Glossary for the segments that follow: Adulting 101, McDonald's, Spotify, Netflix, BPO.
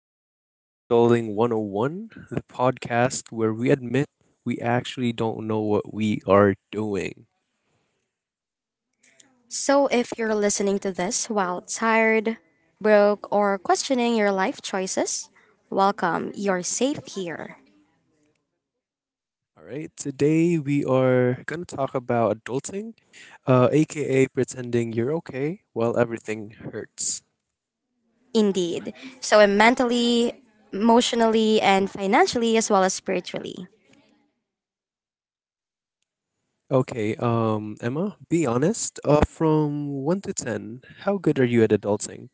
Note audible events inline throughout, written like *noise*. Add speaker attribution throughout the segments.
Speaker 1: welcome to Adulting 101, the podcast where we admit we actually don't know what we are doing.
Speaker 2: So, if you're listening to this while tired, broke, or questioning your life choices, welcome. You're safe here.
Speaker 1: All right, today we are going to talk about adulting, aka pretending you're okay while everything hurts.
Speaker 2: Indeed. So, I'm mentally, emotionally, and financially, as well as spiritually.
Speaker 1: Okay, Emma, be honest. From 1 to 10, how good are you at adulting?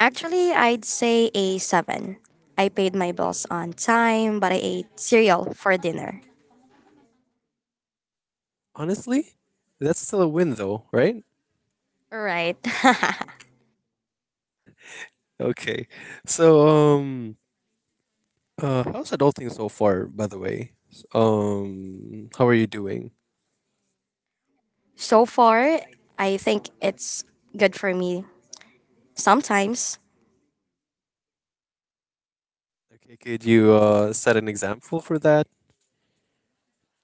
Speaker 2: Actually, I'd say a seven. I paid my bills on time, but I ate cereal for dinner.
Speaker 1: Honestly, that's still a win though, right?
Speaker 2: Right. *laughs*
Speaker 1: Okay, so, how's adulting so far, by the way? How are you doing?
Speaker 2: So far, I think it's good for me sometimes.
Speaker 1: Okay, could you set an example for that?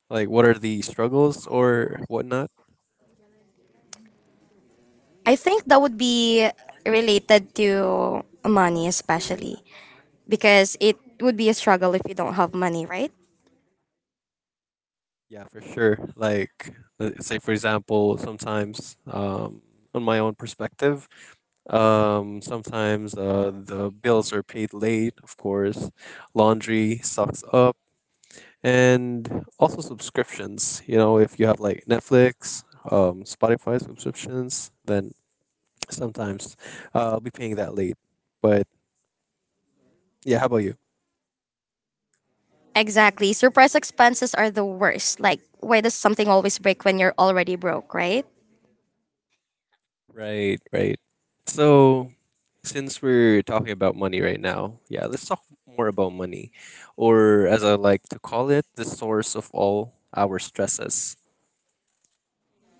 Speaker 1: Like, what are the struggles or whatnot?
Speaker 2: I think that would be related to money, especially because it would be a struggle if you don't have money, right?
Speaker 1: Yeah, for sure. Like, let's say for example, sometimes on my own perspective, sometimes the bills are paid late. Of course, laundry sucks up, and also subscriptions. You know, if you have like Netflix, Spotify subscriptions, then sometimes I'll be paying that late. But yeah, how about you?
Speaker 2: Exactly. Surprise expenses are the worst. Like, why does something always break when you're already broke, right?
Speaker 1: Right, right. So, since we're talking about money right now, yeah, let's talk more about money, or as I like to call it, the source of all our stresses.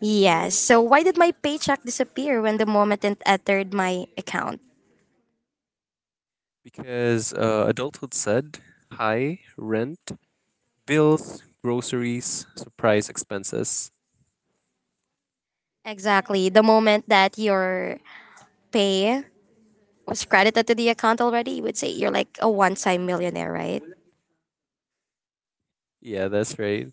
Speaker 2: Yes. So, why did my paycheck disappear when the moment it entered my account?
Speaker 1: Because adulthood said high rent, bills, groceries, surprise expenses.
Speaker 2: Exactly. The moment that your pay was credited to the account already, you would say you're like a one time millionaire, right?
Speaker 1: Yeah, that's right.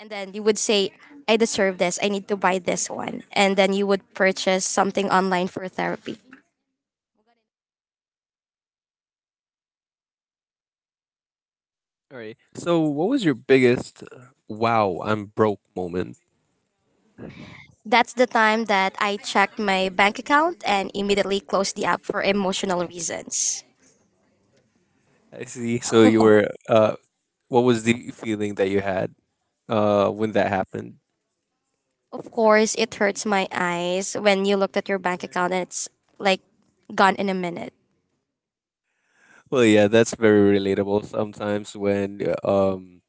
Speaker 2: And then you would say, I deserve this. I need to buy this one. And then you would purchase something online for therapy.
Speaker 1: All right. So, what was your biggest, wow, I'm broke moment?
Speaker 2: That's the time that I checked my bank account and immediately closed the app for emotional reasons.
Speaker 1: I see. So, you were, what was the feeling that you had when that happened?
Speaker 2: Of course, it hurts my eyes when you looked at your bank account and it's like gone in a minute.
Speaker 1: Well, yeah, that's very relatable. Sometimes when,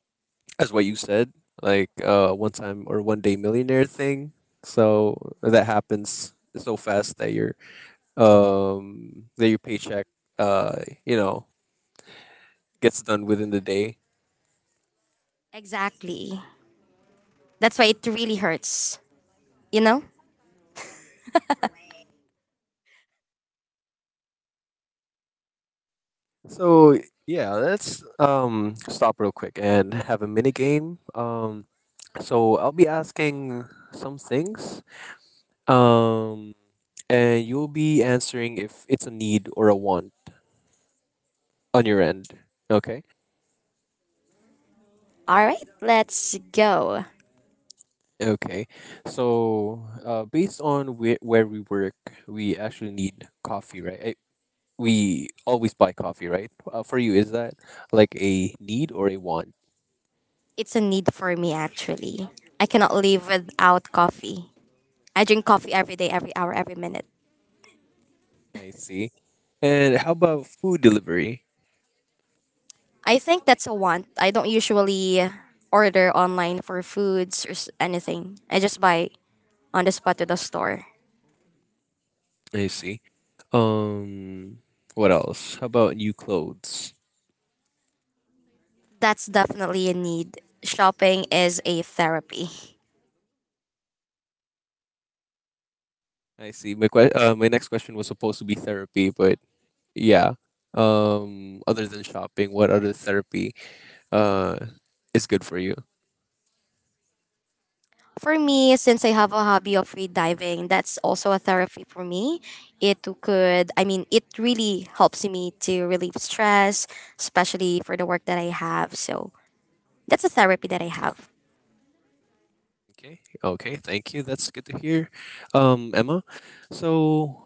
Speaker 1: as what you said, like one time or one day millionaire thing. So that happens so fast that your, that your paycheck uh you know gets done within the day.
Speaker 2: Exactly. That's why it really hurts. You know?
Speaker 1: So yeah, let's stop real quick and have a mini game. So I'll be asking some things. Um, and you'll be answering if it's a need or a want on your end. Okay.
Speaker 2: All right, let's go.
Speaker 1: Okay. So, based on where we work, we actually need coffee, right? We always buy coffee, right? For you, is that like a need or a want?
Speaker 2: It's a need for me, actually. I cannot live without coffee. I drink coffee every day, every hour, every minute.
Speaker 1: I see. And how about food delivery?
Speaker 2: I think that's a want. I don't usually order online for foods or anything. I just buy on the spot to the store.
Speaker 1: I see. Um, what else? How about new clothes?
Speaker 2: That's definitely a need. Shopping is a therapy.
Speaker 1: I see. My next question was supposed to be therapy, but yeah, other than shopping, what other therapy uh is good for you?
Speaker 2: For me, since I have a hobby of free diving, that's also a therapy for me. It could, I mean, it really helps me to relieve stress, especially for the work that I have. So that's a therapy that I have.
Speaker 1: Okay, okay, thank you, that's good to hear. Emma, so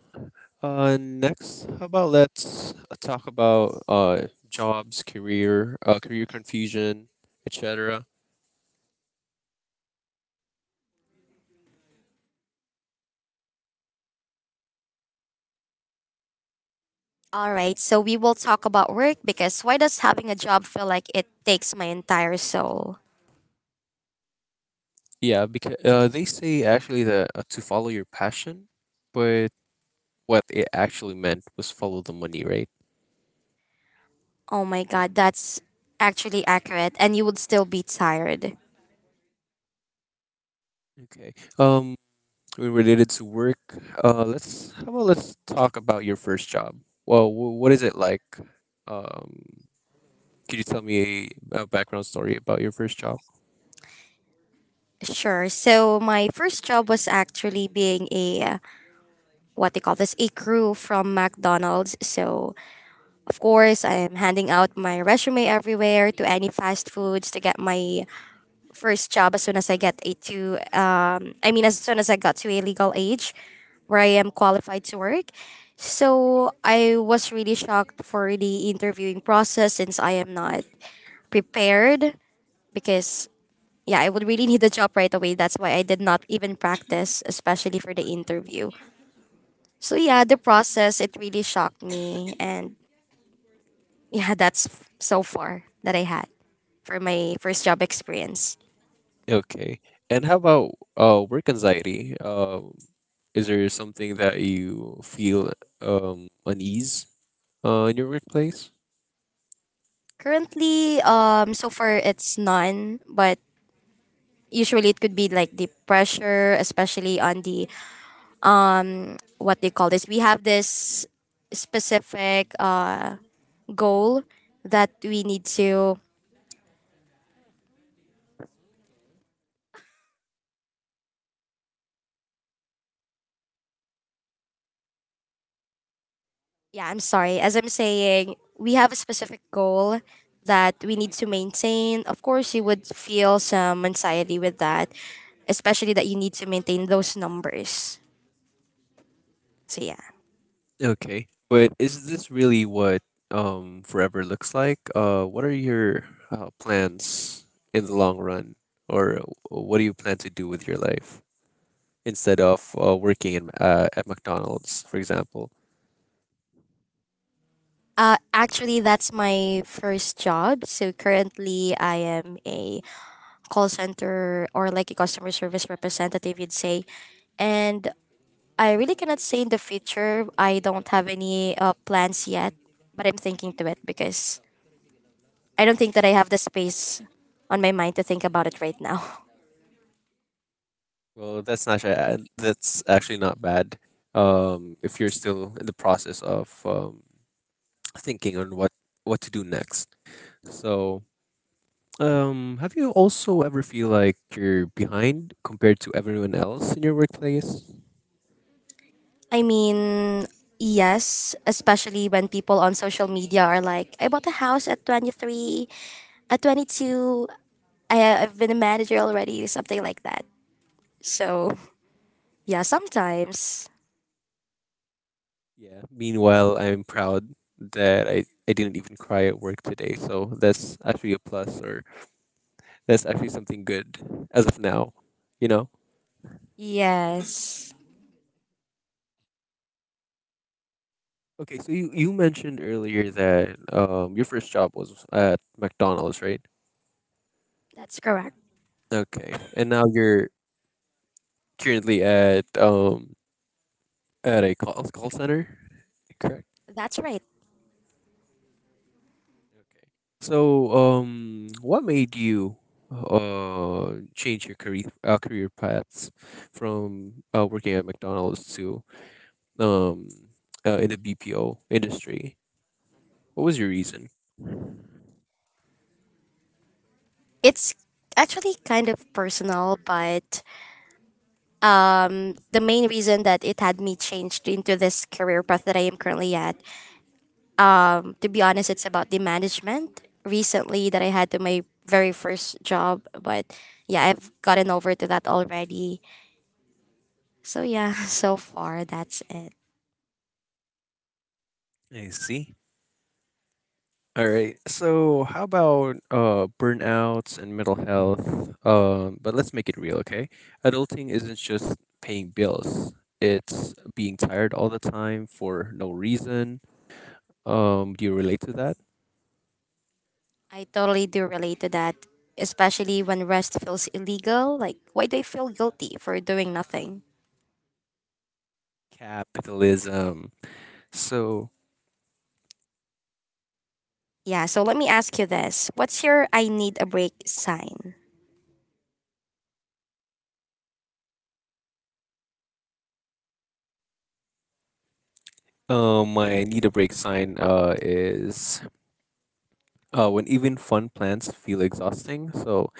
Speaker 1: next, how about let's talk about jobs, career, career confusion, etc.
Speaker 2: All right, so we will talk about work because why does having a job feel like it takes my entire soul?
Speaker 1: Yeah, because they say actually that to follow your passion, but what it actually meant was follow the money, right?
Speaker 2: Oh my god, that's actually accurate, and you would still be tired.
Speaker 1: Okay, um related to work. Let's How about let's talk about your first job. Well, what is it like? Um, could you tell me a background story about your first job?
Speaker 2: Sure. So my first job was actually being a what they call this, a crew from McDonald's. So of course I am handing out my resume everywhere to any fast foods to get my first job as soon as I get a to I mean as soon as I got to a legal age where I am qualified to work. So I was really shocked for the interviewing process since I am not prepared because yeah, I would really *laughs* need the job right away. That's why I did not even practice, especially for the interview. So yeah, the process it really shocked me, and yeah, that's so far that I had for my first job experience.
Speaker 1: Okay, and how about work anxiety? Is there something that you feel unease in your workplace?
Speaker 2: Currently, so far it's none, but usually it could be like the pressure, especially on the what they call this. We have this specific goal that we need to. Yeah, I'm sorry. As I'm saying, we have a specific goal that we need to maintain. Of course, you would feel some anxiety with that, especially that you need to maintain those numbers. So yeah.
Speaker 1: Okay, but is this really what forever looks like? What are your plans in the long run, or what do you plan to do with your life? Instead of working in at McDonald's, for example.
Speaker 2: Actually, that's my first job. So currently, I am a call center or like a customer service representative, you'd say. And I really cannot say in the future. I don't have any plans yet, but I'm thinking to it because I don't think that I have the space on my mind to think about it right now.
Speaker 1: Well, that's not, that's actually not bad. If you're still in the process of thinking on what to do next. So, have you also ever feel like you're behind compared to everyone else in your workplace?
Speaker 2: *laughs* I mean, yes, especially when people on social media are like, I bought a house at 23, at 22, I've been a manager already, something like that. So, yeah, sometimes.
Speaker 1: Yeah. Meanwhile, I'm proud that I didn't even cry at work today. So that's actually a plus, or that's actually something good as of now. You know.
Speaker 2: Yes,
Speaker 1: Okay, so you mentioned earlier that your first job was at McDonald's, right?
Speaker 2: that's correct.
Speaker 1: Okay, and now you're currently at a call center, correct?
Speaker 2: That's right.
Speaker 1: Okay. So what made you change your career paths from, working at McDonald's to um in the BPO industry? What was your reason?
Speaker 2: It's actually kind of personal, but the main reason that it had me changed into this career path that I am currently at, to be honest, it's about the management recently that I had to my very first job. But yeah, I've gotten over to that already. So, yeah, *laughs* so far, that's it.
Speaker 1: I see. All right. So, how about burnouts and mental health? But let's make it real, okay? Adulting isn't just paying bills. It's being tired all the time for no reason. Do you relate to that?
Speaker 2: I totally do relate to that, especially when rest feels illegal. Like, why do I feel guilty for doing nothing?
Speaker 1: Capitalism. So,
Speaker 2: Yeah, so let me ask you this. What's your I need a break sign?
Speaker 1: my need a break sign is when even fun plans feel exhausting. So,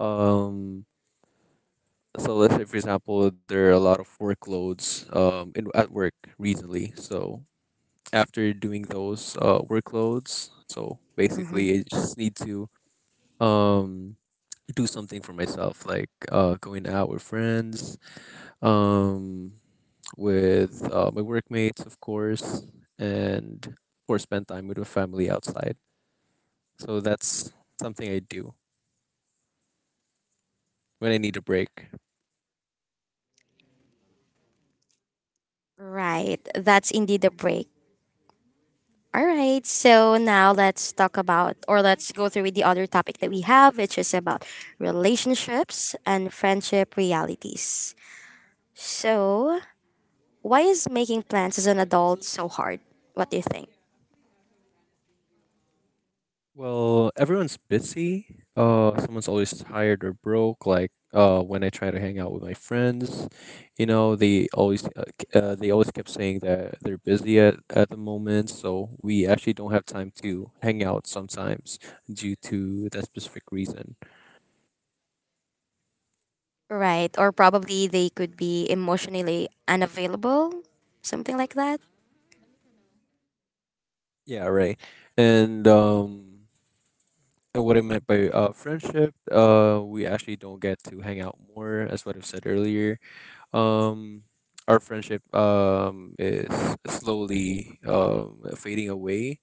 Speaker 1: um, so let's say for example, there are a lot of workloads in at work recently. So after doing those, workloads. So
Speaker 2: hmm
Speaker 1: basically, I just need to, um, do something for myself, like going out with friends, um, with my workmates, of course, and or spend time with my family outside. So that's something I do when I need a break.
Speaker 2: Right, that's indeed a break. All right, so now let's talk about, or let's go through with the other topic that we have, which is about relationships and friendship realities. So, why is making plans as an adult so hard? What do you think?
Speaker 1: Well, everyone's busy. Someone's always tired or broke. Like when I try to hang out with my friends, you know, they always kept saying that they're busy at the moment, so we actually don't have time to hang out sometimes due to that specific reason.
Speaker 2: Right. Or probably they could be emotionally unavailable, something like that.
Speaker 1: Yeah, right. And um, and what I meant by friendship, we actually don't get to hang out more, as what I've said earlier. um our friendship is slowly fading away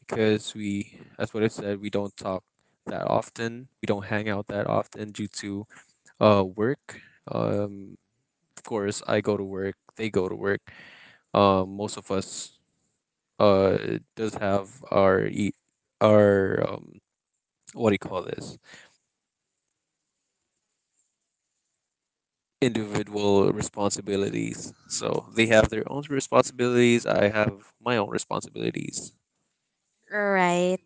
Speaker 1: because we, as what I said, we don't talk that often, we don't hang out that often due to work. um of course, I go to work, they go to work. Most of us uh does have our e- our what do you call this individual responsibilities, so they have their own responsibilities, I have my own responsibilities.
Speaker 2: Right.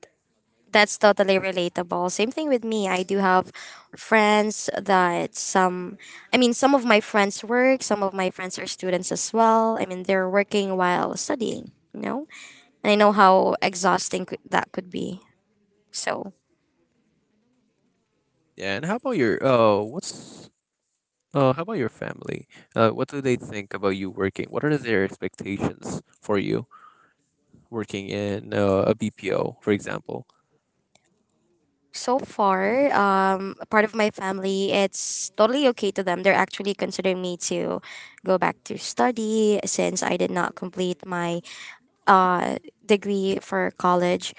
Speaker 2: That's totally relatable. Same thing with me. I do have friends that I mean, some of my friends work, some of my friends are students as well. I mean, they're working while studying, you know? And I know how exhausting that could be. So
Speaker 1: Yeah, and how about your family? What do they think about you working? What are their expectations for you working in, a BPO, for example?
Speaker 2: so far, part of my family, it's totally okay to them. They're actually considering me to go back to study since I did not complete my uh, degree for college.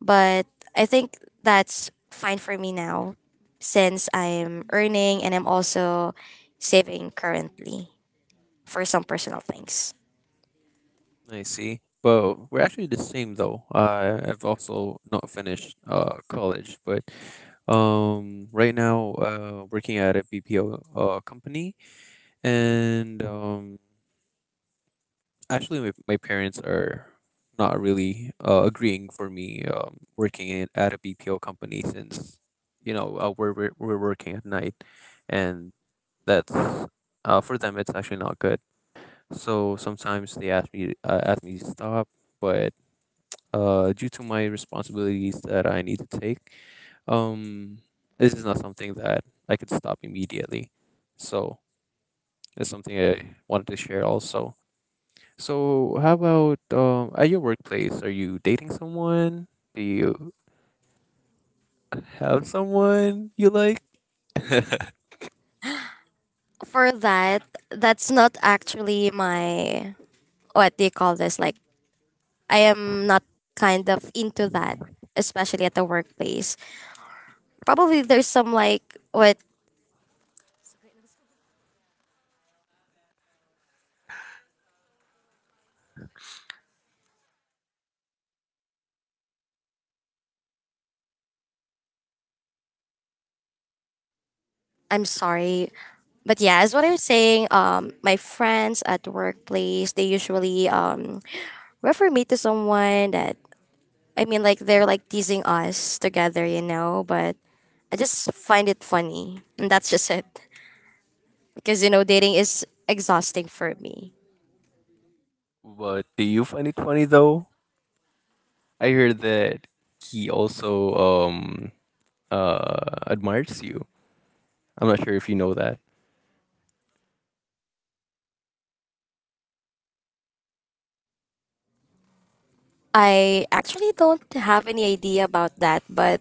Speaker 2: But I think that's fine for me now since I'm earning and I'm also saving currently for some personal things.
Speaker 1: I see. But we're actually the same though. I've also not finished college, but right now working at a BPO company and, actually, my parents are not really agreeing for me working at a BPO company since you know, we're working at night, and that's, for them it's actually not good. So sometimes they ask me, ask me to stop, but, due to my responsibilities that I need to take, um, this is not something that I could stop immediately. So it's something I wanted to share also. So, how about at your workplace? Are you dating someone? Do you have someone you like?
Speaker 2: For that, that's not actually my, what do you call this? Like, I am not kind of into that, especially at the workplace. Probably there's some like what. I'm sorry. But yeah, as what I'm saying, my friends at the workplace, they usually refer me to someone that, I mean, like they're like teasing us together, you know, but I just find it funny. And that's just it. Because you know, dating is exhausting for me.
Speaker 1: But do you find it funny though? I heard that he also admires you. I'm not sure if you know that.
Speaker 2: I actually don't have any idea about that, but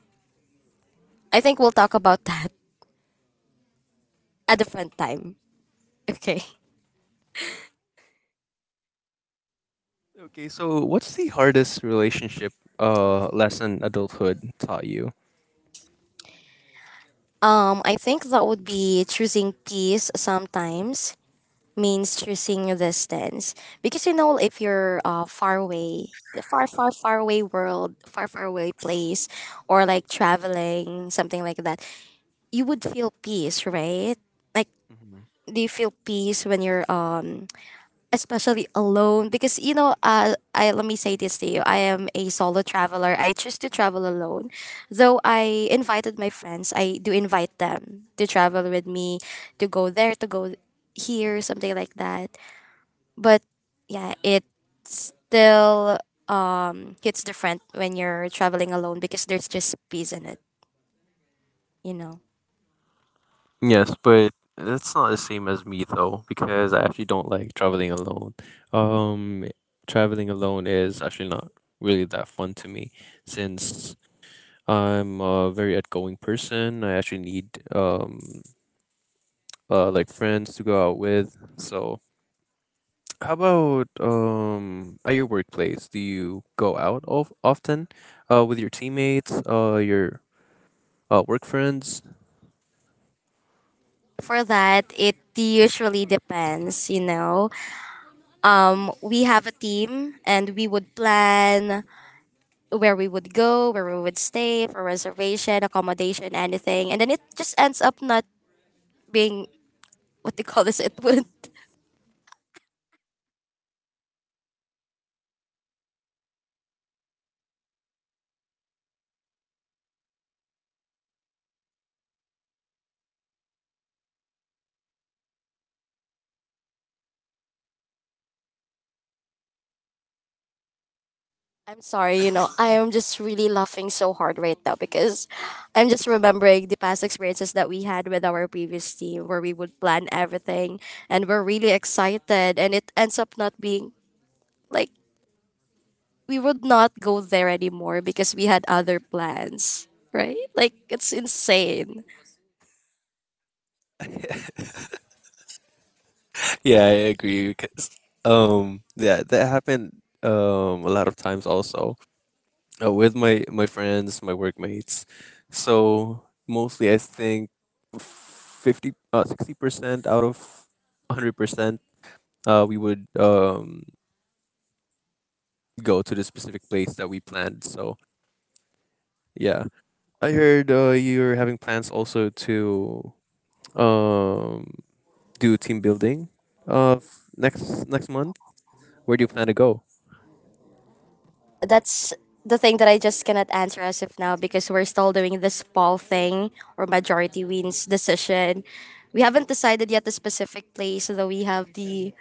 Speaker 2: I think we'll talk about *laughs* that a different time. Okay.
Speaker 1: Okay, so what's the hardest relationship lesson adulthood taught you?
Speaker 2: I think that would be choosing peace sometimes means choosing your distance. Because you know, if you're far away, the far, far, far away world, far, far away place, or like traveling, something like that, you would feel peace, right? Like,
Speaker 1: Mhm.
Speaker 2: do you feel peace when you're especially alone, because you know, I let me say this to you: I am a solo traveler. I choose to travel alone, though I invited my friends. I do invite them to travel with me, to go there, to go here, something like that. But yeah, it still hits different when you're traveling alone because there's just peace in it, you know.
Speaker 1: Yes, but that's not the same as me though, because I actually don't like traveling alone. Um, Traveling alone is actually not really that fun to me, since I'm a very outgoing person. I actually need like friends to go out with. So, how about at your workplace? Do you go out of often, with your teammates, your work friends?
Speaker 2: For that, it usually depends, you know. We have a team and we would plan where we would go, where we would stay for reservation, accommodation, anything. And then it just ends up not being what they call this, it would— I'm sorry, you know, I am just really laughing so hard right now because I'm just remembering the past experiences that we had with our previous team where we would plan everything and we're really excited and it ends up not being like, we would not go there anymore because we had other plans, right? Like it's insane.
Speaker 1: *laughs* Yeah, I agree. Cause, yeah, that happened a lot of times also, with my friends, my workmates. So mostly, I think 50, 60% out of 100%, we would go to the specific place that we planned. So yeah, I heard, you're having plans also to um do team building, next month. Where do you plan to go?
Speaker 2: That's the thing that I just cannot answer as of now because we're still doing this poll thing or majority wins decision. We haven't decided yet the specific place, though we have the—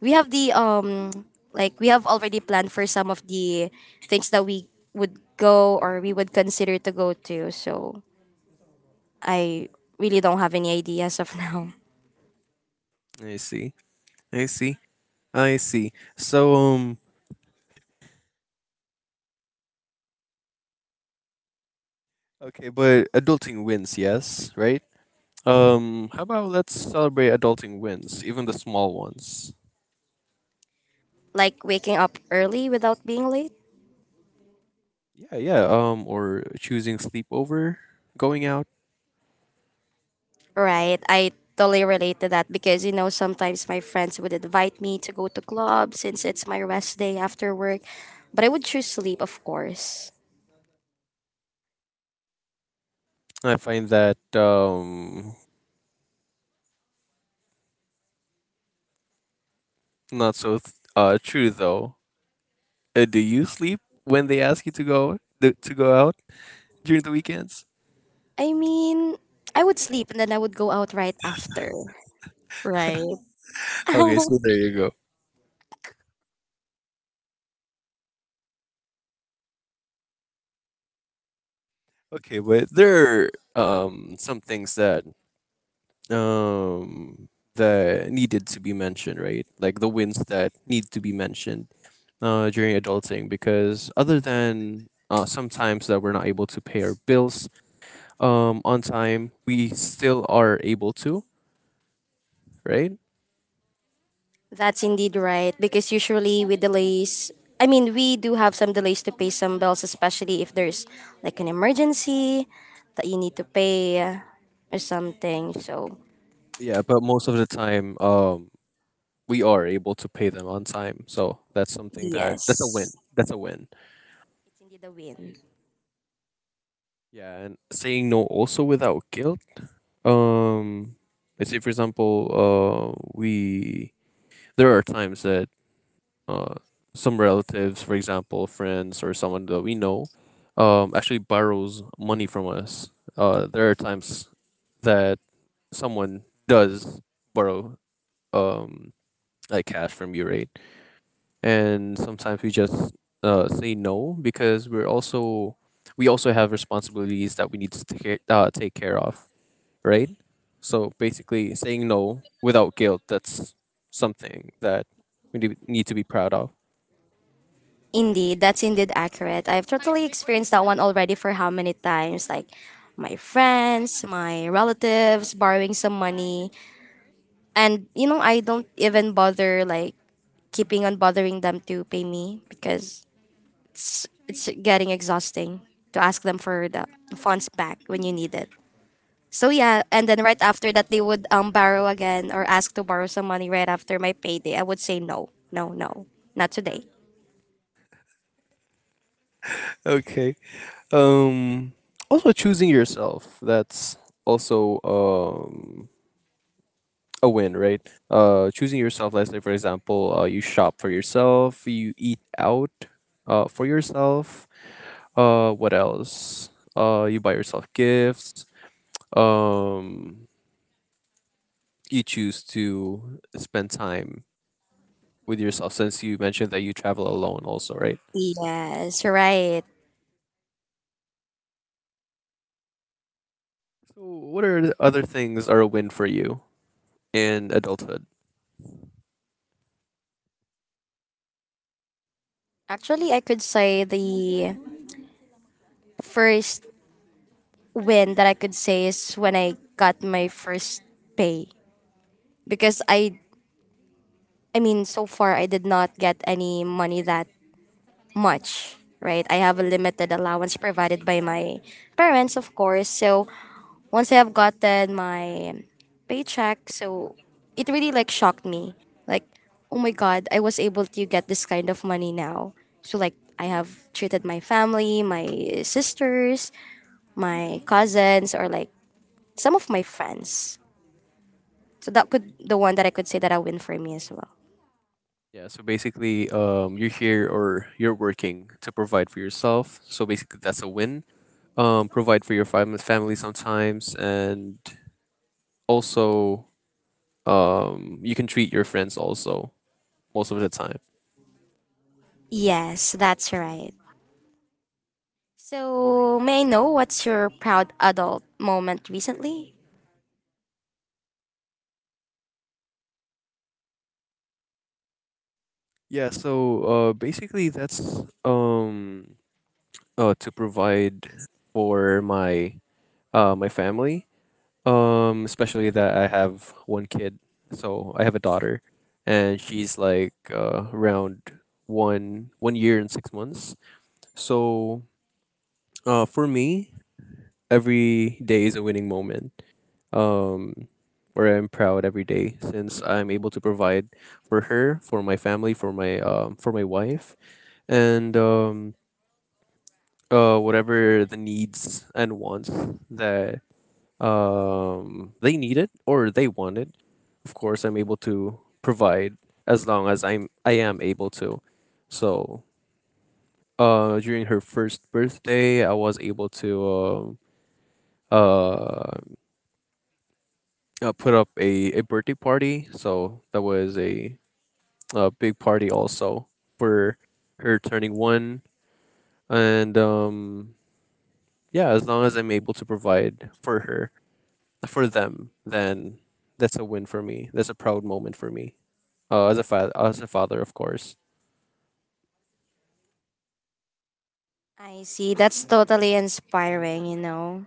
Speaker 2: we have the like, we have already planned for some of the things that we would go or we would consider to go to. So I really don't have any idea as of now.
Speaker 1: I see. I see. I see. So, okay, but adulting wins, yes, right? How about let's celebrate adulting wins, even the small ones.
Speaker 2: Like waking up early without being late.
Speaker 1: Yeah, yeah. Or choosing sleepover, going out.
Speaker 2: Right. I totally relate to that because, you know, sometimes my friends would invite me to go to club since it's my rest day after work. But I would choose sleep, of course.
Speaker 1: I find that not so true though. Do you sleep when they ask you to to go out during the weekends?
Speaker 2: I mean, I would sleep and then I would go out right after. Right.
Speaker 1: Okay, so there
Speaker 2: *laughs*
Speaker 1: you go. Okay, but there are some things um that needed to be mentioned, right? Like the wins that need to be mentioned during adulting because other than, sometimes that we're not able to pay our bills on time, we still are able to, right?
Speaker 2: That's indeed right because usually with delays, I mean, we do have some delays to pay some bills, especially if there's like an emergency that you need to pay or something. So,
Speaker 1: Yeah, but most of the time we are able to pay them on time. So that's something that's a win.
Speaker 2: yes,
Speaker 1: That's a win.
Speaker 2: it's indeed a win.
Speaker 1: Yeah, and saying no also without guilt. Um let's say for example, we there are times that, uh, some relatives, for example, friends or someone that we know, actually borrows money from us. There are times that someone does borrow, um, like cash from you, right? And sometimes we just, say no because we also have responsibilities that we need to take care, of, right? So basically, saying no without guilt—that's something that we need to be proud of.
Speaker 2: Indeed, that's indeed accurate. I've totally experienced that one already for how many times? Like my friends, my relatives borrowing some money. And you know, I don't even bother like keeping on bothering them to pay me because it's getting exhausting to ask them for the funds back when you need it. So yeah, and then right after that they would borrow again or ask to borrow some money right after my payday. I would say no, no, no, not today.
Speaker 1: Okay. Um, Also choosing yourself. That's also a win, right? Choosing yourself. Let's say, for example, you shop for yourself. You eat out, for yourself. What else? You buy yourself gifts. Um, you choose to spend time with yourself since you mentioned that you travel alone, also, right?
Speaker 2: Yes, right.
Speaker 1: So, what are the other things are a win for you in adulthood?
Speaker 2: Actually, I could say the first win that I could say is when I got my first pay because I mean so far I did not get any money that much, right? I have a limited allowance provided by my parents, of course. So, once I have gotten my paycheck, so it really like shocked me. Like, oh my god, I was able to get this kind of money now. So like I have treated my family, my sisters, my cousins, or like some of my friends. So that could the one that I could say that I win for me as well.
Speaker 1: Yeah, so basically, you're here or you're working to provide for yourself. So basically, that's a win. Provide for your family sometimes, and also, you can treat your friends also most of the time.
Speaker 2: Yes, that's right. So may I know what's your proud adult moment recently?
Speaker 1: Yeah, so basically, that's to provide for my my family. Especially that I have one kid. So I have a daughter, and she's like around one year and 6 months. So for me, every day is a winning moment. Um, where I'm proud every day since I'm able to provide for her, for my family, for my wife, and whatever the needs and wants that they needed or they wanted. Of course, I'm able to provide as long as I am able to. So during her first birthday, I was able to uh, put up a birthday party. So that was a big party also for her turning one. And yeah, as long as I'm able to provide for her, for them, then that's a win for me. That's a proud moment for me. As a father, of course.
Speaker 2: I see. That's totally inspiring, you know.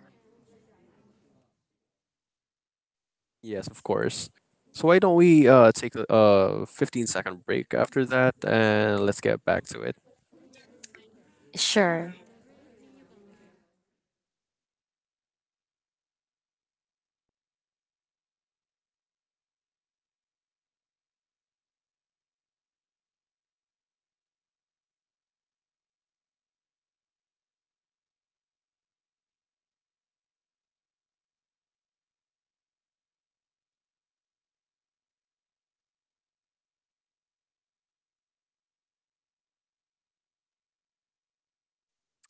Speaker 1: Yes, of course. So why don't we take a 15-second break after that and let's get back to it.
Speaker 2: Sure.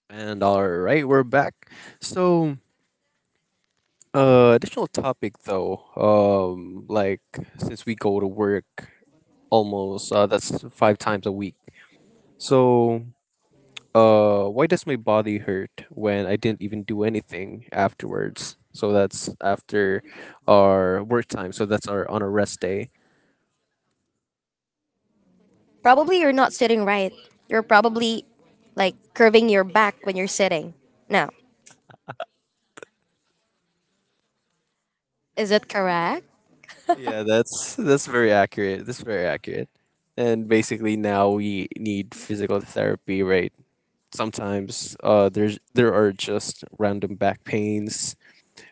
Speaker 1: And all right, we're back. So, additional topic though. Like since we go to work almost that's 5 times a week. So, why does my body hurt when I didn't even do anything afterwards? So that's after our work time. So that's our on a rest day.
Speaker 2: Probably you're not sitting right. You're probably like curving your back when you're sitting. No. Is it correct?
Speaker 1: Yeah, that's very accurate. That's very accurate. And basically now we need physical therapy, right? Sometimes there are just random back pains.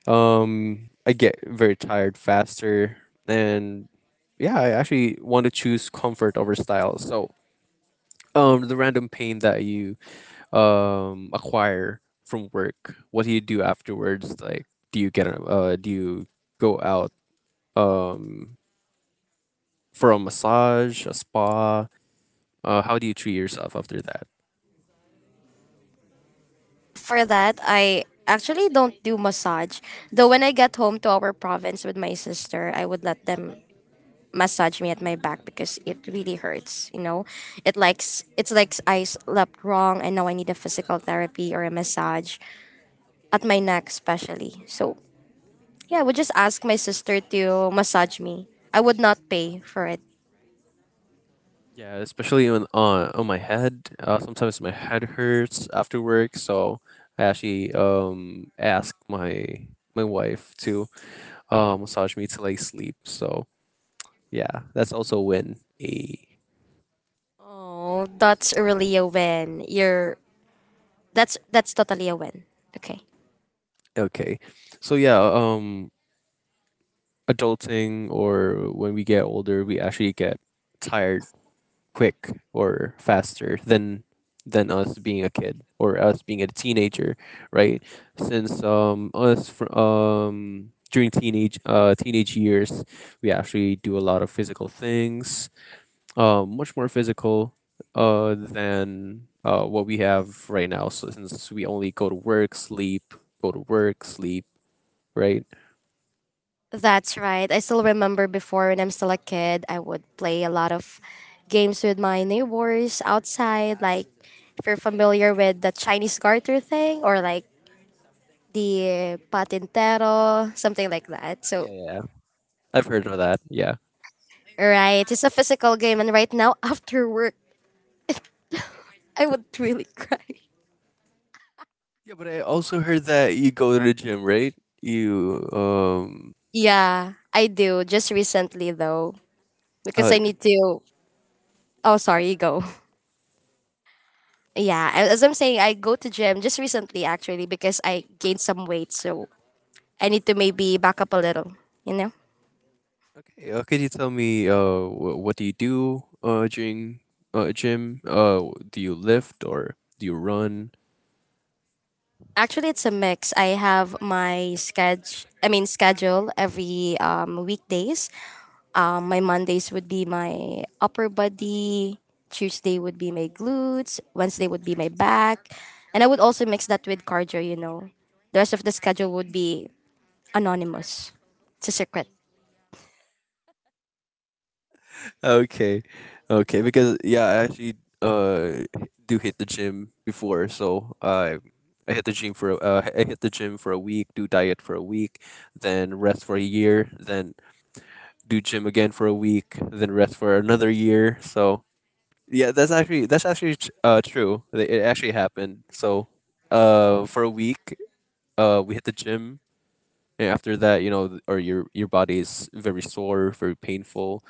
Speaker 1: I get very tired faster and yeah, I actually want to choose comfort over style. So, the random pain that you acquire from work, what do you do afterwards? Like do you do you go out um for a massage, a spa. How do you treat yourself after that?
Speaker 2: For that, I actually don't do massage. Though when I get home to our province with my sister, I would let them massage me at my back because it really hurts, you know. It likes it's like I slept wrong and now I need a physical therapy or a massage at my neck especially. So, yeah, I would just ask my sister to massage me. I would not pay for it.
Speaker 1: Yeah, especially on my head. Sometimes my head hurts after work, so I actually ask my my wife to massage me till I sleep. So yeah, that's also when a
Speaker 2: Oh, that's really a win. You're that's totally a win. Okay.
Speaker 1: okay. So yeah, adulting or when we get older, we actually get tired quick or faster than us being a kid or us being a teenager, right? Since during teenage years, we actually do a lot of physical things, much more physical than what we have right now. So since we only go to work, sleep, go to work, sleep, right?
Speaker 2: That's right. I still remember before when I'm still a kid, I would play a lot of games with my neighbors outside. Like, if you're familiar with the Chinese garter thing or like the patintero, something like that. So,
Speaker 1: Yeah, yeah, yeah. I've heard of that. Yeah.
Speaker 2: right, it's a physical game. And right now, *laughs* after work, I would really *laughs* cry.
Speaker 1: Yeah, but I also heard that you go to the gym, right? You
Speaker 2: Yeah, I do. Just recently, though, because
Speaker 1: uh
Speaker 2: I need to. Oh, sorry, you go. *laughs* Yeah, as I'm saying, I go to gym just recently actually because I gained some weight. So I need to maybe back up a little, you know?
Speaker 1: Okay, could you tell me what do you do during gym? Do you lift or do you run? *laughs*
Speaker 2: Actually, it's a mix. I have my schedule every weekdays. My Mondays would be my upper body, Tuesday would be my glutes, Wednesday would be my back. And I would also mix that with cardio, you know. The rest of the schedule would be anonymous. It's a secret.
Speaker 1: Okay. Okay, because yeah, I actually uh do hit the gym before, so I hit the gym I hit the gym for a week, do diet for a week, then rest for a year, then do gym again for a week, then rest for another year. So yeah, that's actually true. It actually happened. So for a week we hit the gym and after that or your body is very sore, very painful,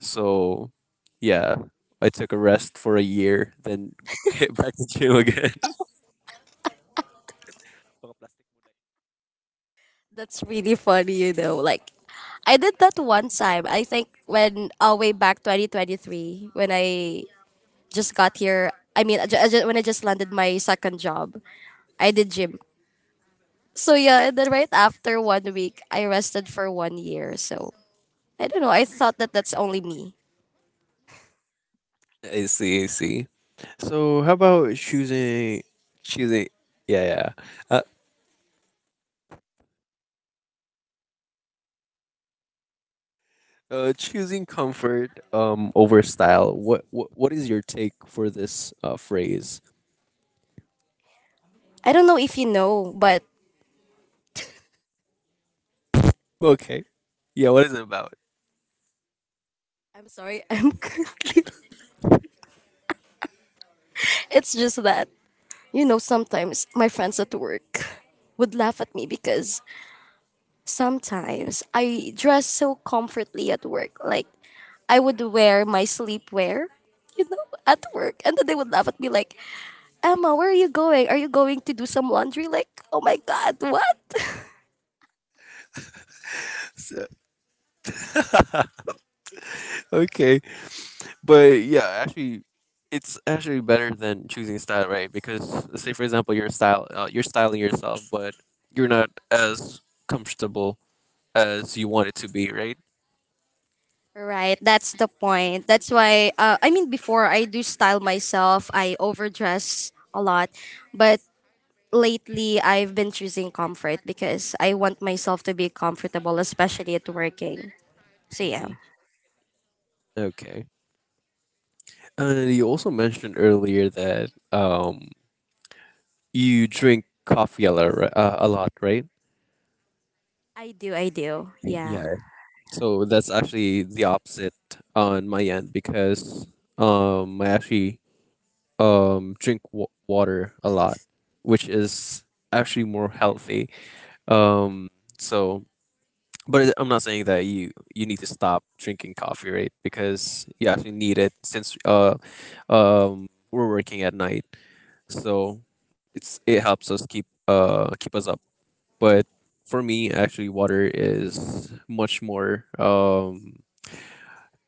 Speaker 1: so yeah, I took a rest for a year then *laughs* hit back to gym again. *laughs*
Speaker 2: That's really funny, you know. Like, I did that one time. I think when way back 2023 when I just got here. I mean, when I just landed my second job, I did gym. So yeah, and then right after 1 week, I rested for 1 year. So I don't know. I thought that that's only me.
Speaker 1: I see, I see. So how about choosing choosing, yeah, yeah, uh, choosing comfort over style, what is your take for this phrase?
Speaker 2: I don't know if you know, but
Speaker 1: Okay, yeah, what is it about?
Speaker 2: I'm sorry. *laughs* I'm currently. It's just that you know sometimes my friends at work would laugh at me because sometimes I dress so comfortably at work. Like I would wear my sleepwear, you know, at work, and then they would laugh at me like, Emma, where are you going? Are you going to do some laundry? Like, oh my God, what?
Speaker 1: *laughs* Okay. But yeah, actually, it's actually better than choosing style, right? Because say for example, your style, you're styling yourself, but you're not as comfortable as you want it to be, right?
Speaker 2: Right, that's the point. That's why, I mean, before I do style myself, I overdress a lot. But lately, I've been choosing comfort because I want myself to be comfortable, especially at working. So, yeah.
Speaker 1: Mm-hmm. Okay. And you also mentioned earlier that you drink coffee a lot, a lot, right?
Speaker 2: I do, I do. Yeah.
Speaker 1: Yeah. So that's actually the opposite on my end because I actually drink water a lot, which is actually more healthy. Um, so, but I'm not saying that you need to stop drinking coffee, right? Because you actually need it since we're working at night, so it helps us keep us up. But for me, actually, water is much more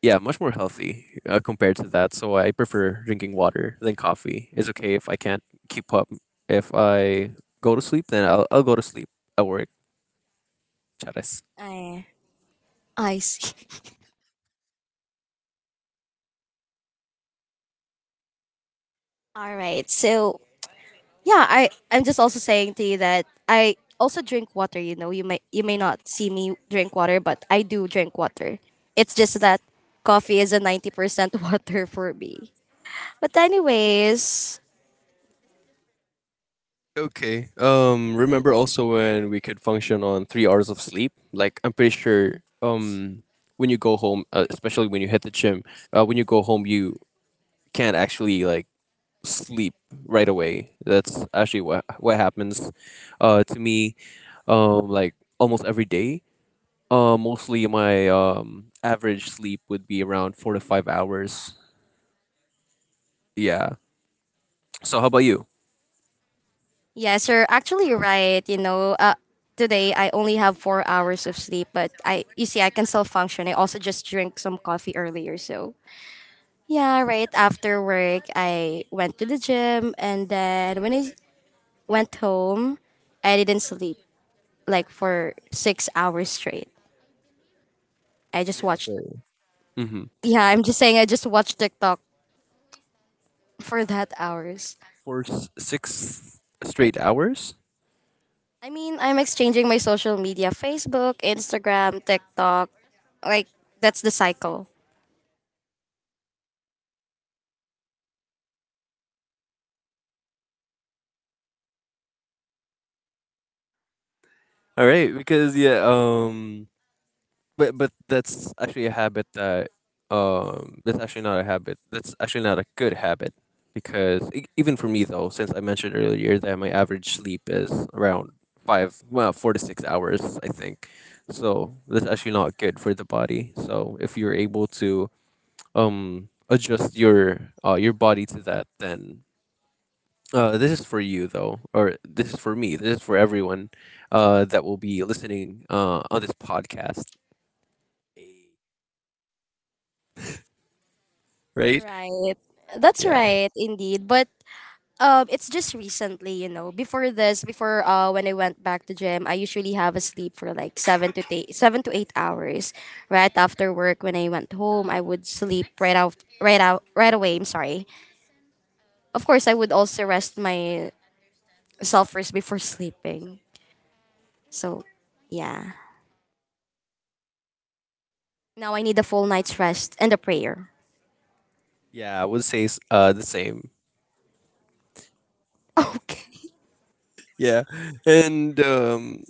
Speaker 1: yeah, much more healthy, compared to that. So I prefer drinking water than coffee. It's okay if I can't keep up. If I go to sleep, then I'll go to sleep at work. Charas.
Speaker 2: I, I see. *laughs* All right. So, yeah, I'm just also saying to you that I also drink water. You know, you may not see me drink water, but I do drink water. It's just that coffee is a 90% *laughs* water for me. But anyways,
Speaker 1: Okay. Um, remember also when we could function on 3 hours of sleep. Like I'm pretty sure. Um, when you go home, especially when you hit the gym, when you go home, you can't actually like sleep right away. That's actually what happens, to me. Um, like almost every day. Mostly my average sleep would be around 4 to 5 hours. Yeah. So how about you?
Speaker 2: yes, you're actually right, you know. Today I only have 4 hours of sleep, but I, you see, I can still function. I also just drink some coffee earlier. So yeah, right after work I went to the gym, and then when I went home I didn't sleep like for 6 hours straight. I just
Speaker 1: Yeah,
Speaker 2: watched.
Speaker 1: very. Mm-hmm.
Speaker 2: Yeah, I'm just saying I just watched TikTok for that hours.
Speaker 1: For six straight hours.
Speaker 2: I mean, I'm exchanging my social media: Facebook, Instagram, TikTok. Like that's the cycle.
Speaker 1: All right, because yeah, but that's actually a habit, that's actually not a good habit, because even for me though, since I mentioned earlier that my average sleep is around five well 4 to 6 hours, I think. So that's actually not good for the body, so if you're able to adjust your body to that, then this is for you though, or this is for me. This is for everyone that will be listening on this podcast, right?
Speaker 2: Right. That's
Speaker 1: Yeah.
Speaker 2: right, indeed. But it's just recently, you know. Before this, before when I went back to gym, I usually have a sleep for like 7 to 8 hours. Right after work, when I went home, I would sleep right out, right out, right away. I'm sorry. Of course, I would also rest myself first before sleeping. So, yeah. Now I need a full night's rest and a prayer. *laughs*
Speaker 1: Yeah, I would say the same.
Speaker 2: Okay.
Speaker 1: Yeah. And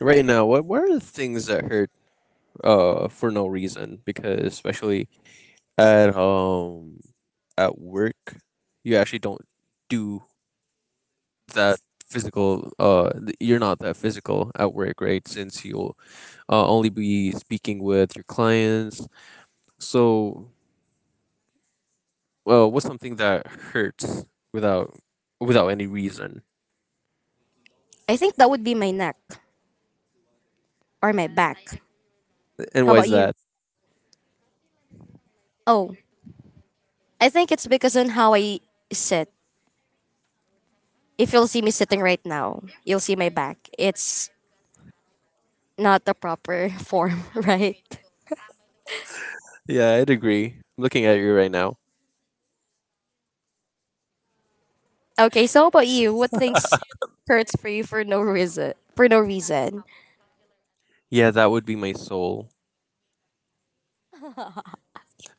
Speaker 1: right now, what are the things that hurt for no reason? Because especially at um at work, you actually don't do that you're not that physical at work, right? Since you'll only be speaking with your clients. So, what's something that hurts without without any reason?
Speaker 2: I think that would be my neck or my back.
Speaker 1: And
Speaker 2: How
Speaker 1: why
Speaker 2: about
Speaker 1: is
Speaker 2: you?
Speaker 1: that?
Speaker 2: Oh, I think it's because on how I sit. If you'll see me sitting right now, you'll see my back. It's not the proper *laughs* form, right?
Speaker 1: Yeah, I'd agree, looking at you right now.
Speaker 2: Okay, so how about you? What things hurts for you for no reason? For no reason.
Speaker 1: Yeah, that would be my soul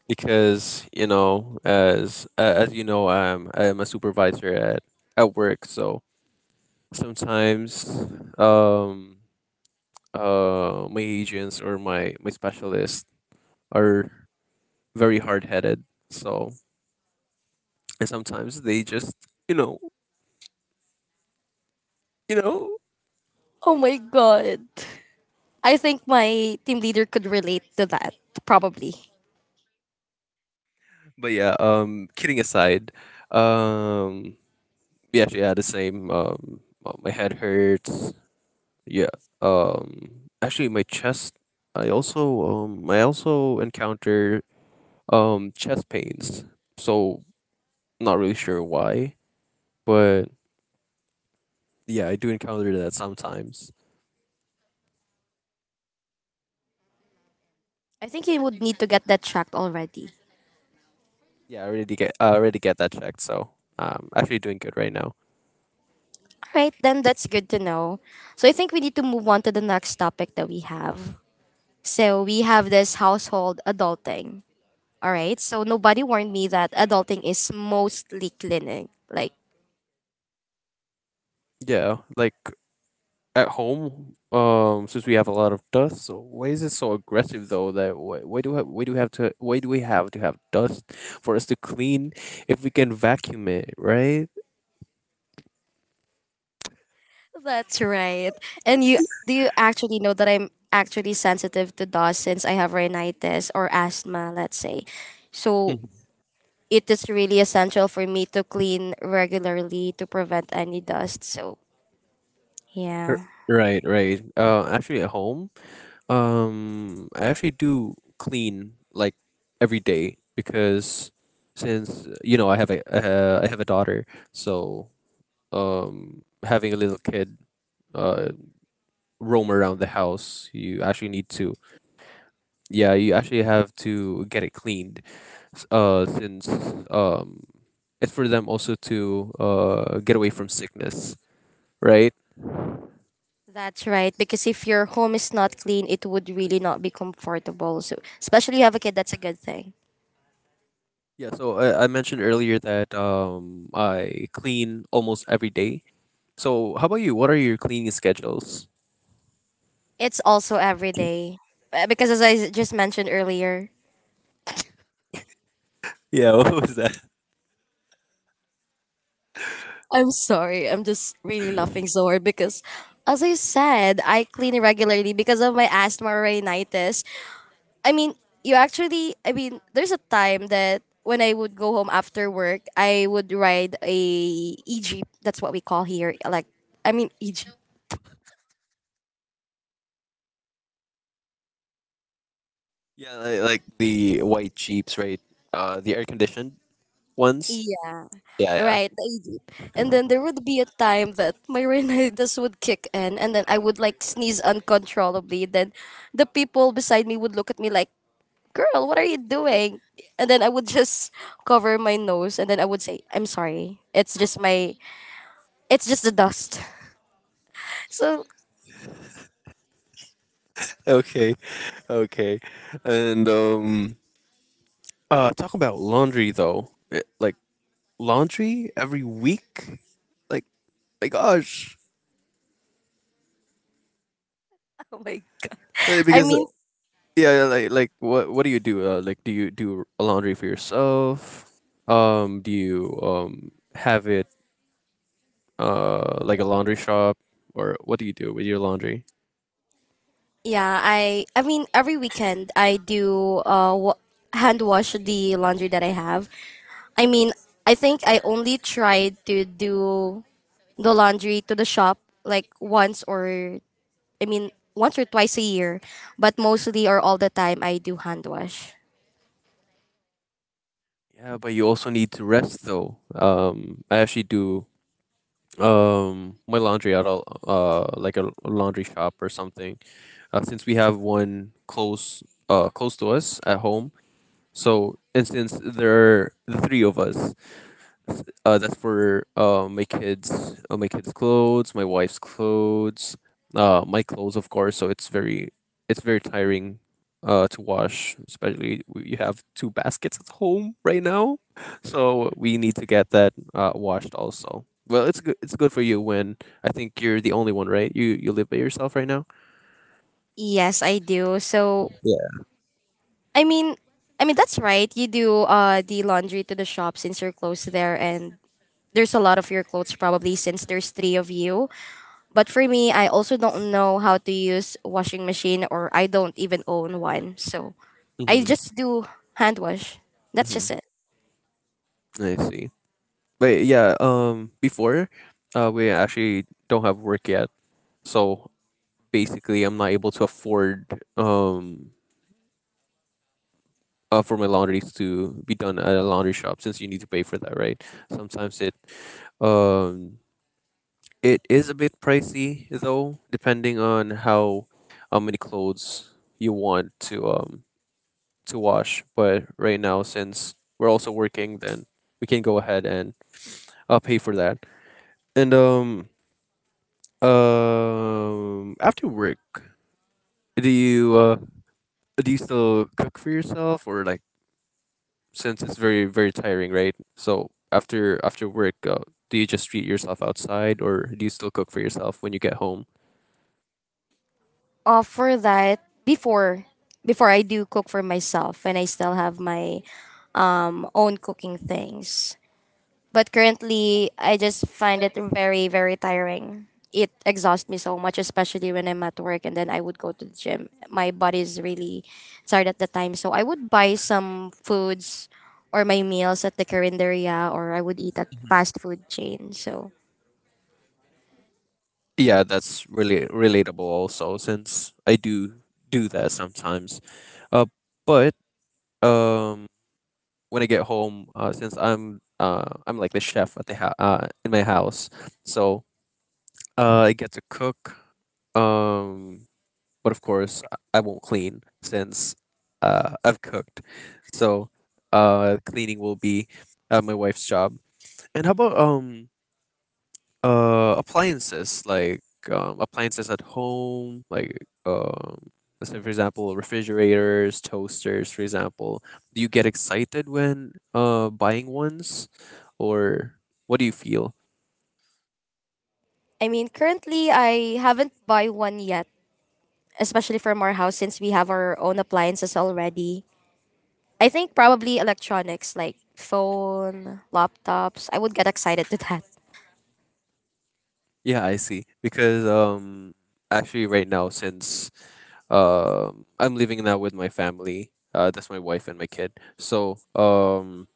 Speaker 1: because you know, as you know, I'm a supervisor at work, so sometimes um my agents or my specialists are very hard headed. So and sometimes they just you know, you know.
Speaker 2: Oh my god. I think my team leader could relate to that, probably.
Speaker 1: But yeah, kidding aside, um, yeah, yeah, the same. My head hurts. Yeah. Um, actually, my chest. I also encounter chest pains. So not really sure why, but yeah, I do encounter that sometimes.
Speaker 2: I think he would need to get that checked already.
Speaker 1: Yeah, I already get, I already get that checked. So actually doing good right now.
Speaker 2: All right, then that's good to know. So I think we need to move on to the next topic that we have. So we have this household adulting. All right, so nobody warned me that adulting is mostly cleaning. Like,
Speaker 1: Yeah, like at home. Since we have a lot of dust, so why is it so aggressive though? That why do we have to, why do we have to have dust for us to clean if we can vacuum it, right?
Speaker 2: that's right. And you do you actually know that I'm actually sensitive to dust since I have rhinitis or asthma, let's say. So it is really essential for me to clean regularly to prevent any dust. So,
Speaker 1: R-
Speaker 2: yeah.
Speaker 1: Right, right. Actually, at home, I actually do clean like every day because since you know I have a daughter, so having a little kid uh roam around the house, you actually need to yeah you actually have to get it cleaned since um it's for them also to get away from sickness, right?
Speaker 2: That's right. Because if your home is not clean, it would really not be comfortable. So, especially you have a kid, that's a good thing.
Speaker 1: Yeah, so I mentioned earlier that I clean almost every day. So how about you? What are your cleaning schedules?
Speaker 2: It's also every day. Because as just mentioned earlier,
Speaker 1: Yeah, *laughs* what was that?
Speaker 2: I'm sorry. I'm just really laughing so hard because, as I said, I clean regularly because of my asthma or rhinitis. I mean, you actually, I mean, there's a time that when I would go home after work, I would ride a e-jeep. That's what we call here. Like, I mean, e-jeep.
Speaker 1: Yeah, like the white Jeeps, right? The air conditioned ones.
Speaker 2: Yeah,
Speaker 1: Yeah, yeah.
Speaker 2: right, the e-jeep. And then there would be a time that my *laughs* rhinitis would kick in, and then I would like sneeze uncontrollably. Then the people beside me would look at me like, girl, what are you doing? And then I would *laughs* just cover my nose, and then I would say, I'm sorry. It's just the dust. *laughs* So,
Speaker 1: Okay, okay. And talk about laundry though. Eh, like laundry every week. Like my gosh.
Speaker 2: oh my God.
Speaker 1: Eh,
Speaker 2: I
Speaker 1: because,
Speaker 2: mean,
Speaker 1: yeah, like what do you do? Like do you do a laundry for yourself? Do you have it like a laundry shop or what do you do with your laundry?
Speaker 2: yeah, I mean every weekend I do hand wash the laundry that I have. I mean, I think I only tried to do the laundry to the shop like I mean once or twice a year, but mostly or all the time I do hand wash.
Speaker 1: Yeah, but you also need to rest though. I actually do my laundry at a like a laundry shop or something. Since we have one close close to us at home, so and since there are the 3 of us, that's for my kids' clothes, my wife's clothes, my clothes, of course. So it's very tiring, to wash. Especially we have 2 baskets at home right now, so we need to get that washed also. Well, it's good. It's good for you. When I think you're the only one, right? You live by yourself right now.
Speaker 2: Yes, I do. So
Speaker 1: Yeah.
Speaker 2: I mean, I mean that's right. You do the laundry to the shop since you're close there, and there's a lot of your clothes probably since there's three of you. But for me, I also don't know how to use washing machine, or I don't even own one. So I
Speaker 1: Mm-hmm.
Speaker 2: just do hand wash. That's
Speaker 1: Mm-hmm.
Speaker 2: just it.
Speaker 1: I see. But yeah, before, we actually don't have work yet, so basically I'm not able to afford um for my laundries to be done at a laundry shop since you need to pay for that, right? Sometimes it um it is a bit pricey though, depending on how many clothes you want to wash. But right now, since we're also working, then we can go ahead and pay for that. And after work, do you do you still cook for yourself, or like, since it's very very tiring, right? So after work, do you just treat yourself outside, or do you still cook for yourself when you get home?
Speaker 2: For that, before I do cook for myself and I still have my own cooking things. But currently, I just find it very, very tiring. It exhausts me so much, especially when I'm at work and then I would go to the gym. My body is really tired at the time. So I would buy some foods or my meals at the Carinderia, or I would eat at fast food chain. So,
Speaker 1: Yeah, that's really relatable also, since I do that sometimes. Uh, but um, when I get home, since I'm like the chef at in my house, so I get to cook. Um, but of course I won't clean since I've cooked. So cleaning will be my wife's job. And how about appliances like appliances at home, like um let's say for example refrigerators, toasters, for example. Do you get excited when buying ones, or what do you feel?
Speaker 2: I mean, currently, I haven't buy one yet, especially from our house since we have our own appliances already. I think probably electronics like phone, laptops. I would get excited to that.
Speaker 1: Yeah, I see. Because actually right now, since I'm living now with my family. That's my wife and my kid. So, um,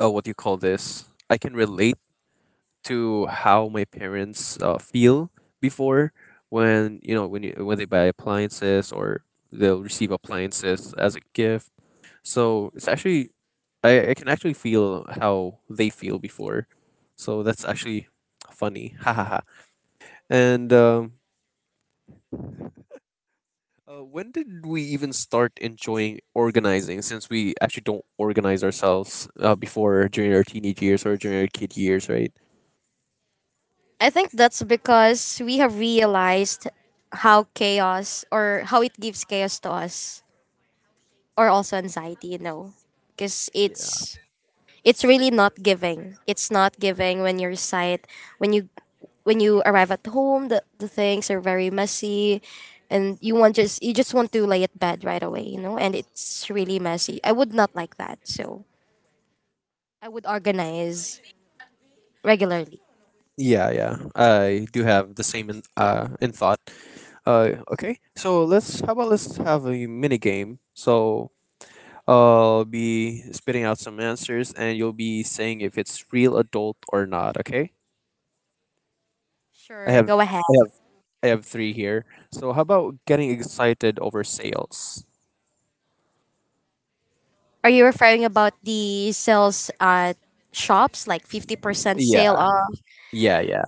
Speaker 1: uh, what do you call this? I can relate to how my parents feel before when you know when you when they buy appliances, or they'll receive appliances as a gift. So it's actually I can actually feel how they feel before. So that's actually funny. *laughs* Ha ha ha. And when did we even start enjoying organizing? Since we actually don't organize ourselves before during our teenage years or during our kid years, right?
Speaker 2: I think that's because we have realized how chaos or how it gives chaos to us, or also anxiety, you know. Cuz
Speaker 1: Yeah.
Speaker 2: it's it's really not giving. It's not giving when you're sight when you when you arrive at home, the things are very messy and you just want to lay at bed right away, you know, and it's really messy. I would not like that. So, I would organize regularly.
Speaker 1: Yeah. I do have the same in thought. Okay. So let's how about let's have a mini game. So I'll be spitting out some answers, and you'll be saying if it's real adult or not. Okay. I
Speaker 2: Sure,
Speaker 1: have.
Speaker 2: go ahead.
Speaker 1: I have. I have three here. So how about getting excited over sales?
Speaker 2: Are you referring about the sales at shops, like 50%
Speaker 1: Yeah.
Speaker 2: sale off?
Speaker 1: Yeah. Yeah.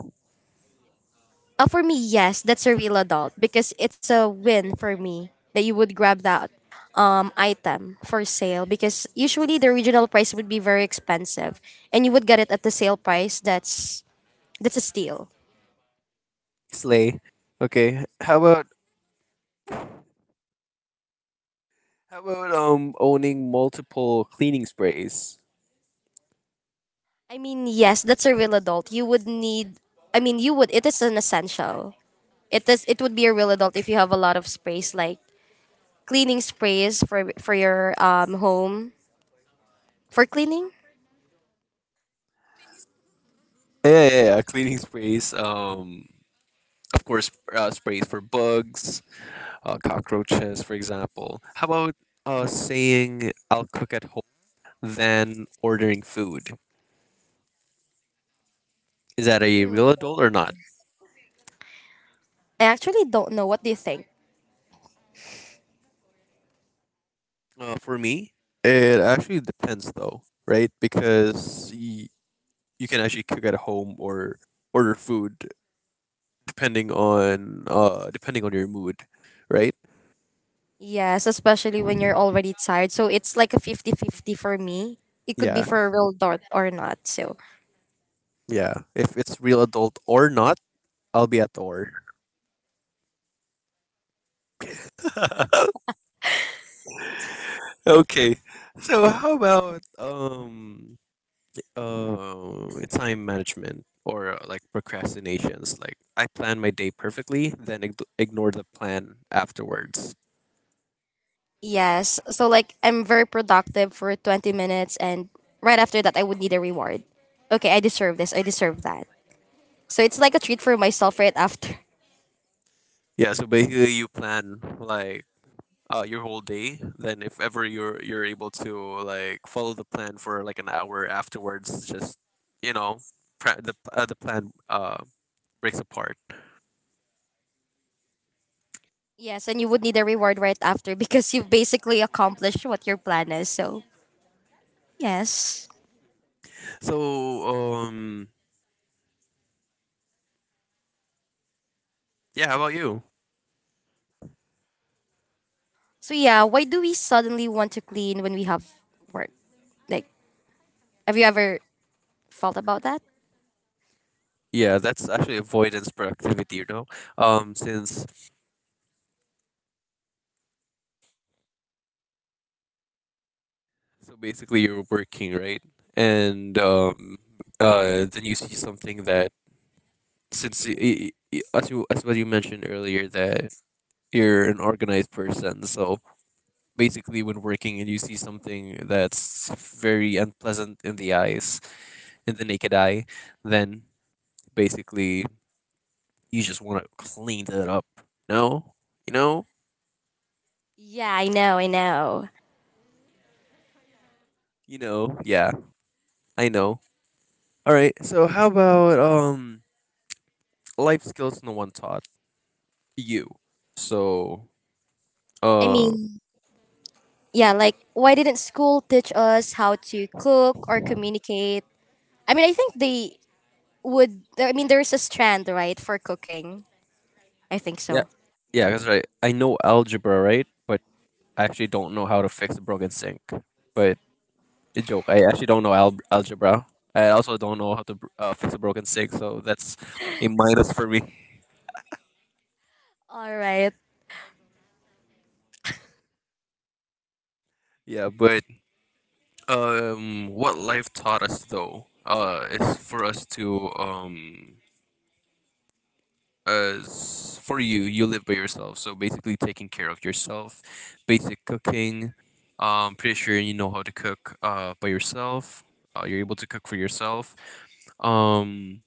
Speaker 2: For me, yes, that's a real adult because it's a win for me that you would grab that item for sale because usually the original price would be very expensive, and you would get it at the sale price. That's a steal.
Speaker 1: Slay. Okay. How about owning multiple cleaning sprays?
Speaker 2: I mean, yes, that's a real adult. You would need I mean, you would it is an essential. It would be a real adult if you have a lot of space like cleaning sprays for your home for cleaning?
Speaker 1: Yeah, yeah, yeah. Cleaning sprays. Of course, sprays for bugs, cockroaches, for example. How about saying I'll cook at home than ordering food? Is that a
Speaker 2: Hmm.
Speaker 1: real adult or not?
Speaker 2: I actually don't know. What do you think?
Speaker 1: For me, it actually depends though, right? Because you can actually cook at home or order food depending on depending on your mood, right?
Speaker 2: Yes, especially when you're already tired. So it's like a 50 50 for me. It could be
Speaker 1: Yeah,
Speaker 2: for a real dot or not. So
Speaker 1: yeah. If it's real adult or not, I'll be at or. *laughs* Okay. So how about time management or like procrastinations? Like I plan my day perfectly, then ignore the plan afterwards.
Speaker 2: yes. So like I'm very productive for 20 minutes, and right after that I would need a reward. Okay, I deserve this. I deserve that. So it's like a treat for myself right after. *laughs*
Speaker 1: Yeah. So basically, you plan like your whole day. Then if ever you're able to like follow the plan for like an hour afterwards, just you know, the plan breaks apart.
Speaker 2: Yes, and you would need a reward right after because you basically accomplished what your plan is. So yes.
Speaker 1: So yeah, how about you?
Speaker 2: So yeah, why do we suddenly want to clean when we have work? Like, have you ever felt about that?
Speaker 1: Yeah, that's actually avoidance productivity, you know. Since so basically you're working, right, and then you see something that, since as you as what you mentioned earlier, that you're an organized person, so basically when working and you see something that's very unpleasant in the eyes, in the naked eye, then basically you just want to clean that up. No, you know.
Speaker 2: Yeah, I know, I know.
Speaker 1: You know. Yeah, I know. All right, so how about life skills no one taught you. so
Speaker 2: I
Speaker 1: uh
Speaker 2: mean, yeah, like why didn't school teach us how to cook or communicate? I mean, I think they would. I mean, there is a strand right for cooking. I think
Speaker 1: yeah,
Speaker 2: so.
Speaker 1: yeah, that's right. I know algebra, right, but I actually don't know how to fix a broken sink. But a joke. I actually don't know algebra. I also don't know how to fix a broken stick, so that's a minus for me. *laughs*
Speaker 2: All right.
Speaker 1: Yeah, but what life taught us though, is for us to as for you, you live by yourself, so basically taking care of yourself, basic cooking. Pretty sure you know how to cook by yourself. You're able to cook for yourself. Um,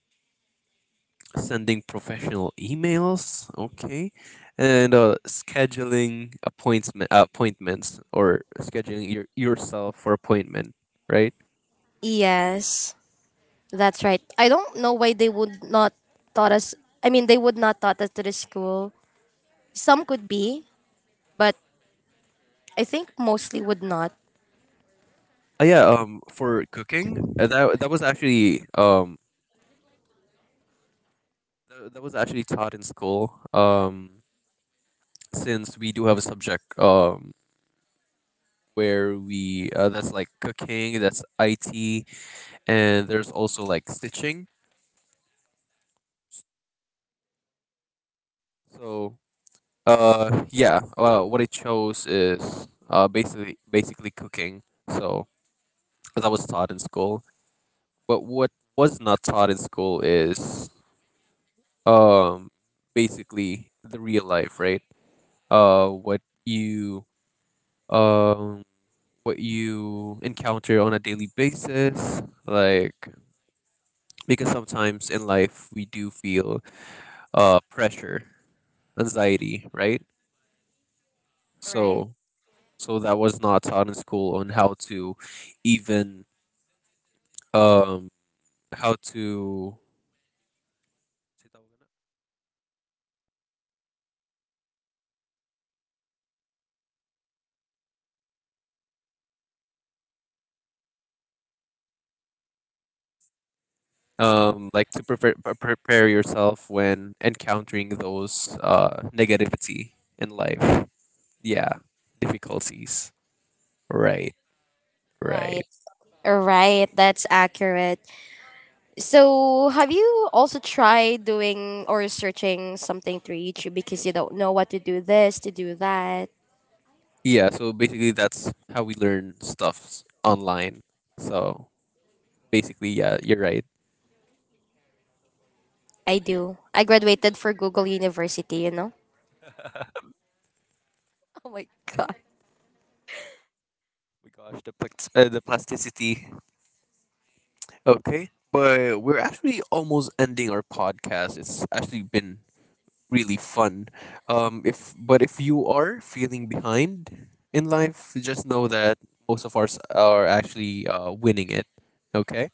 Speaker 1: sending professional emails, okay, and scheduling appointments, or scheduling your, yourself for appointment, right?
Speaker 2: Yes, that's right. I don't know why they would not taught us. I mean, they would not taught us to the school. Some could be, but I think mostly would not.
Speaker 1: Yeah, for cooking, that was actually that was actually taught in school. Since we do have a subject where we that's like cooking, that's IT, and there's also like stitching. So uh, yeah. Well, what I chose is basically cooking. So, as I was taught in school, but what was not taught in school is um basically the real life, right? Uh, what you um what you encounter on a daily basis, like because sometimes in life we do feel pressure, anxiety, right?
Speaker 2: Right,
Speaker 1: So so that was not taught in school on how to even um how to like to prepare yourself when encountering those negativity in life, yeah, difficulties, right,
Speaker 2: right,
Speaker 1: right,
Speaker 2: right. That's accurate. So, have you also tried doing or searching something through YouTube because you don't know what to do this, to do that?
Speaker 1: yeah. So basically that's how we learn stuffs online, so basically yeah, you're right.
Speaker 2: I do. I graduated for Google University, you know? *laughs* Oh my god.
Speaker 1: My gosh, the plasticity. Okay, but we're actually almost ending our podcast. It's actually been really fun. If but if you are feeling behind in life, just know that most of us are actually winning it. Okay.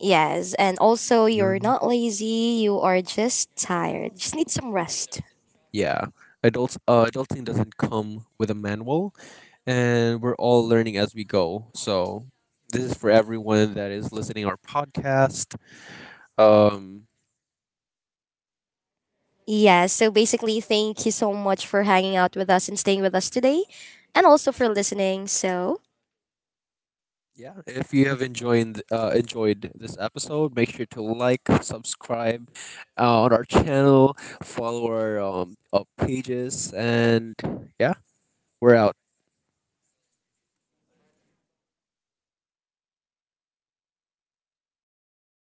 Speaker 2: Yes, and also you're
Speaker 1: Um,
Speaker 2: not lazy, you are just tired. Just need some rest.
Speaker 1: yeah. Adults, adulting doesn't come with a manual, and we're all learning as we go. So, this is for everyone that is listening our podcast. Um,
Speaker 2: Yeah, so basically, thank you so much for hanging out with us and staying with us today, and also for listening. So,
Speaker 1: Yeah, if you have enjoyed this episode, make sure to like, subscribe on our channel, follow our pages, and yeah, we're out.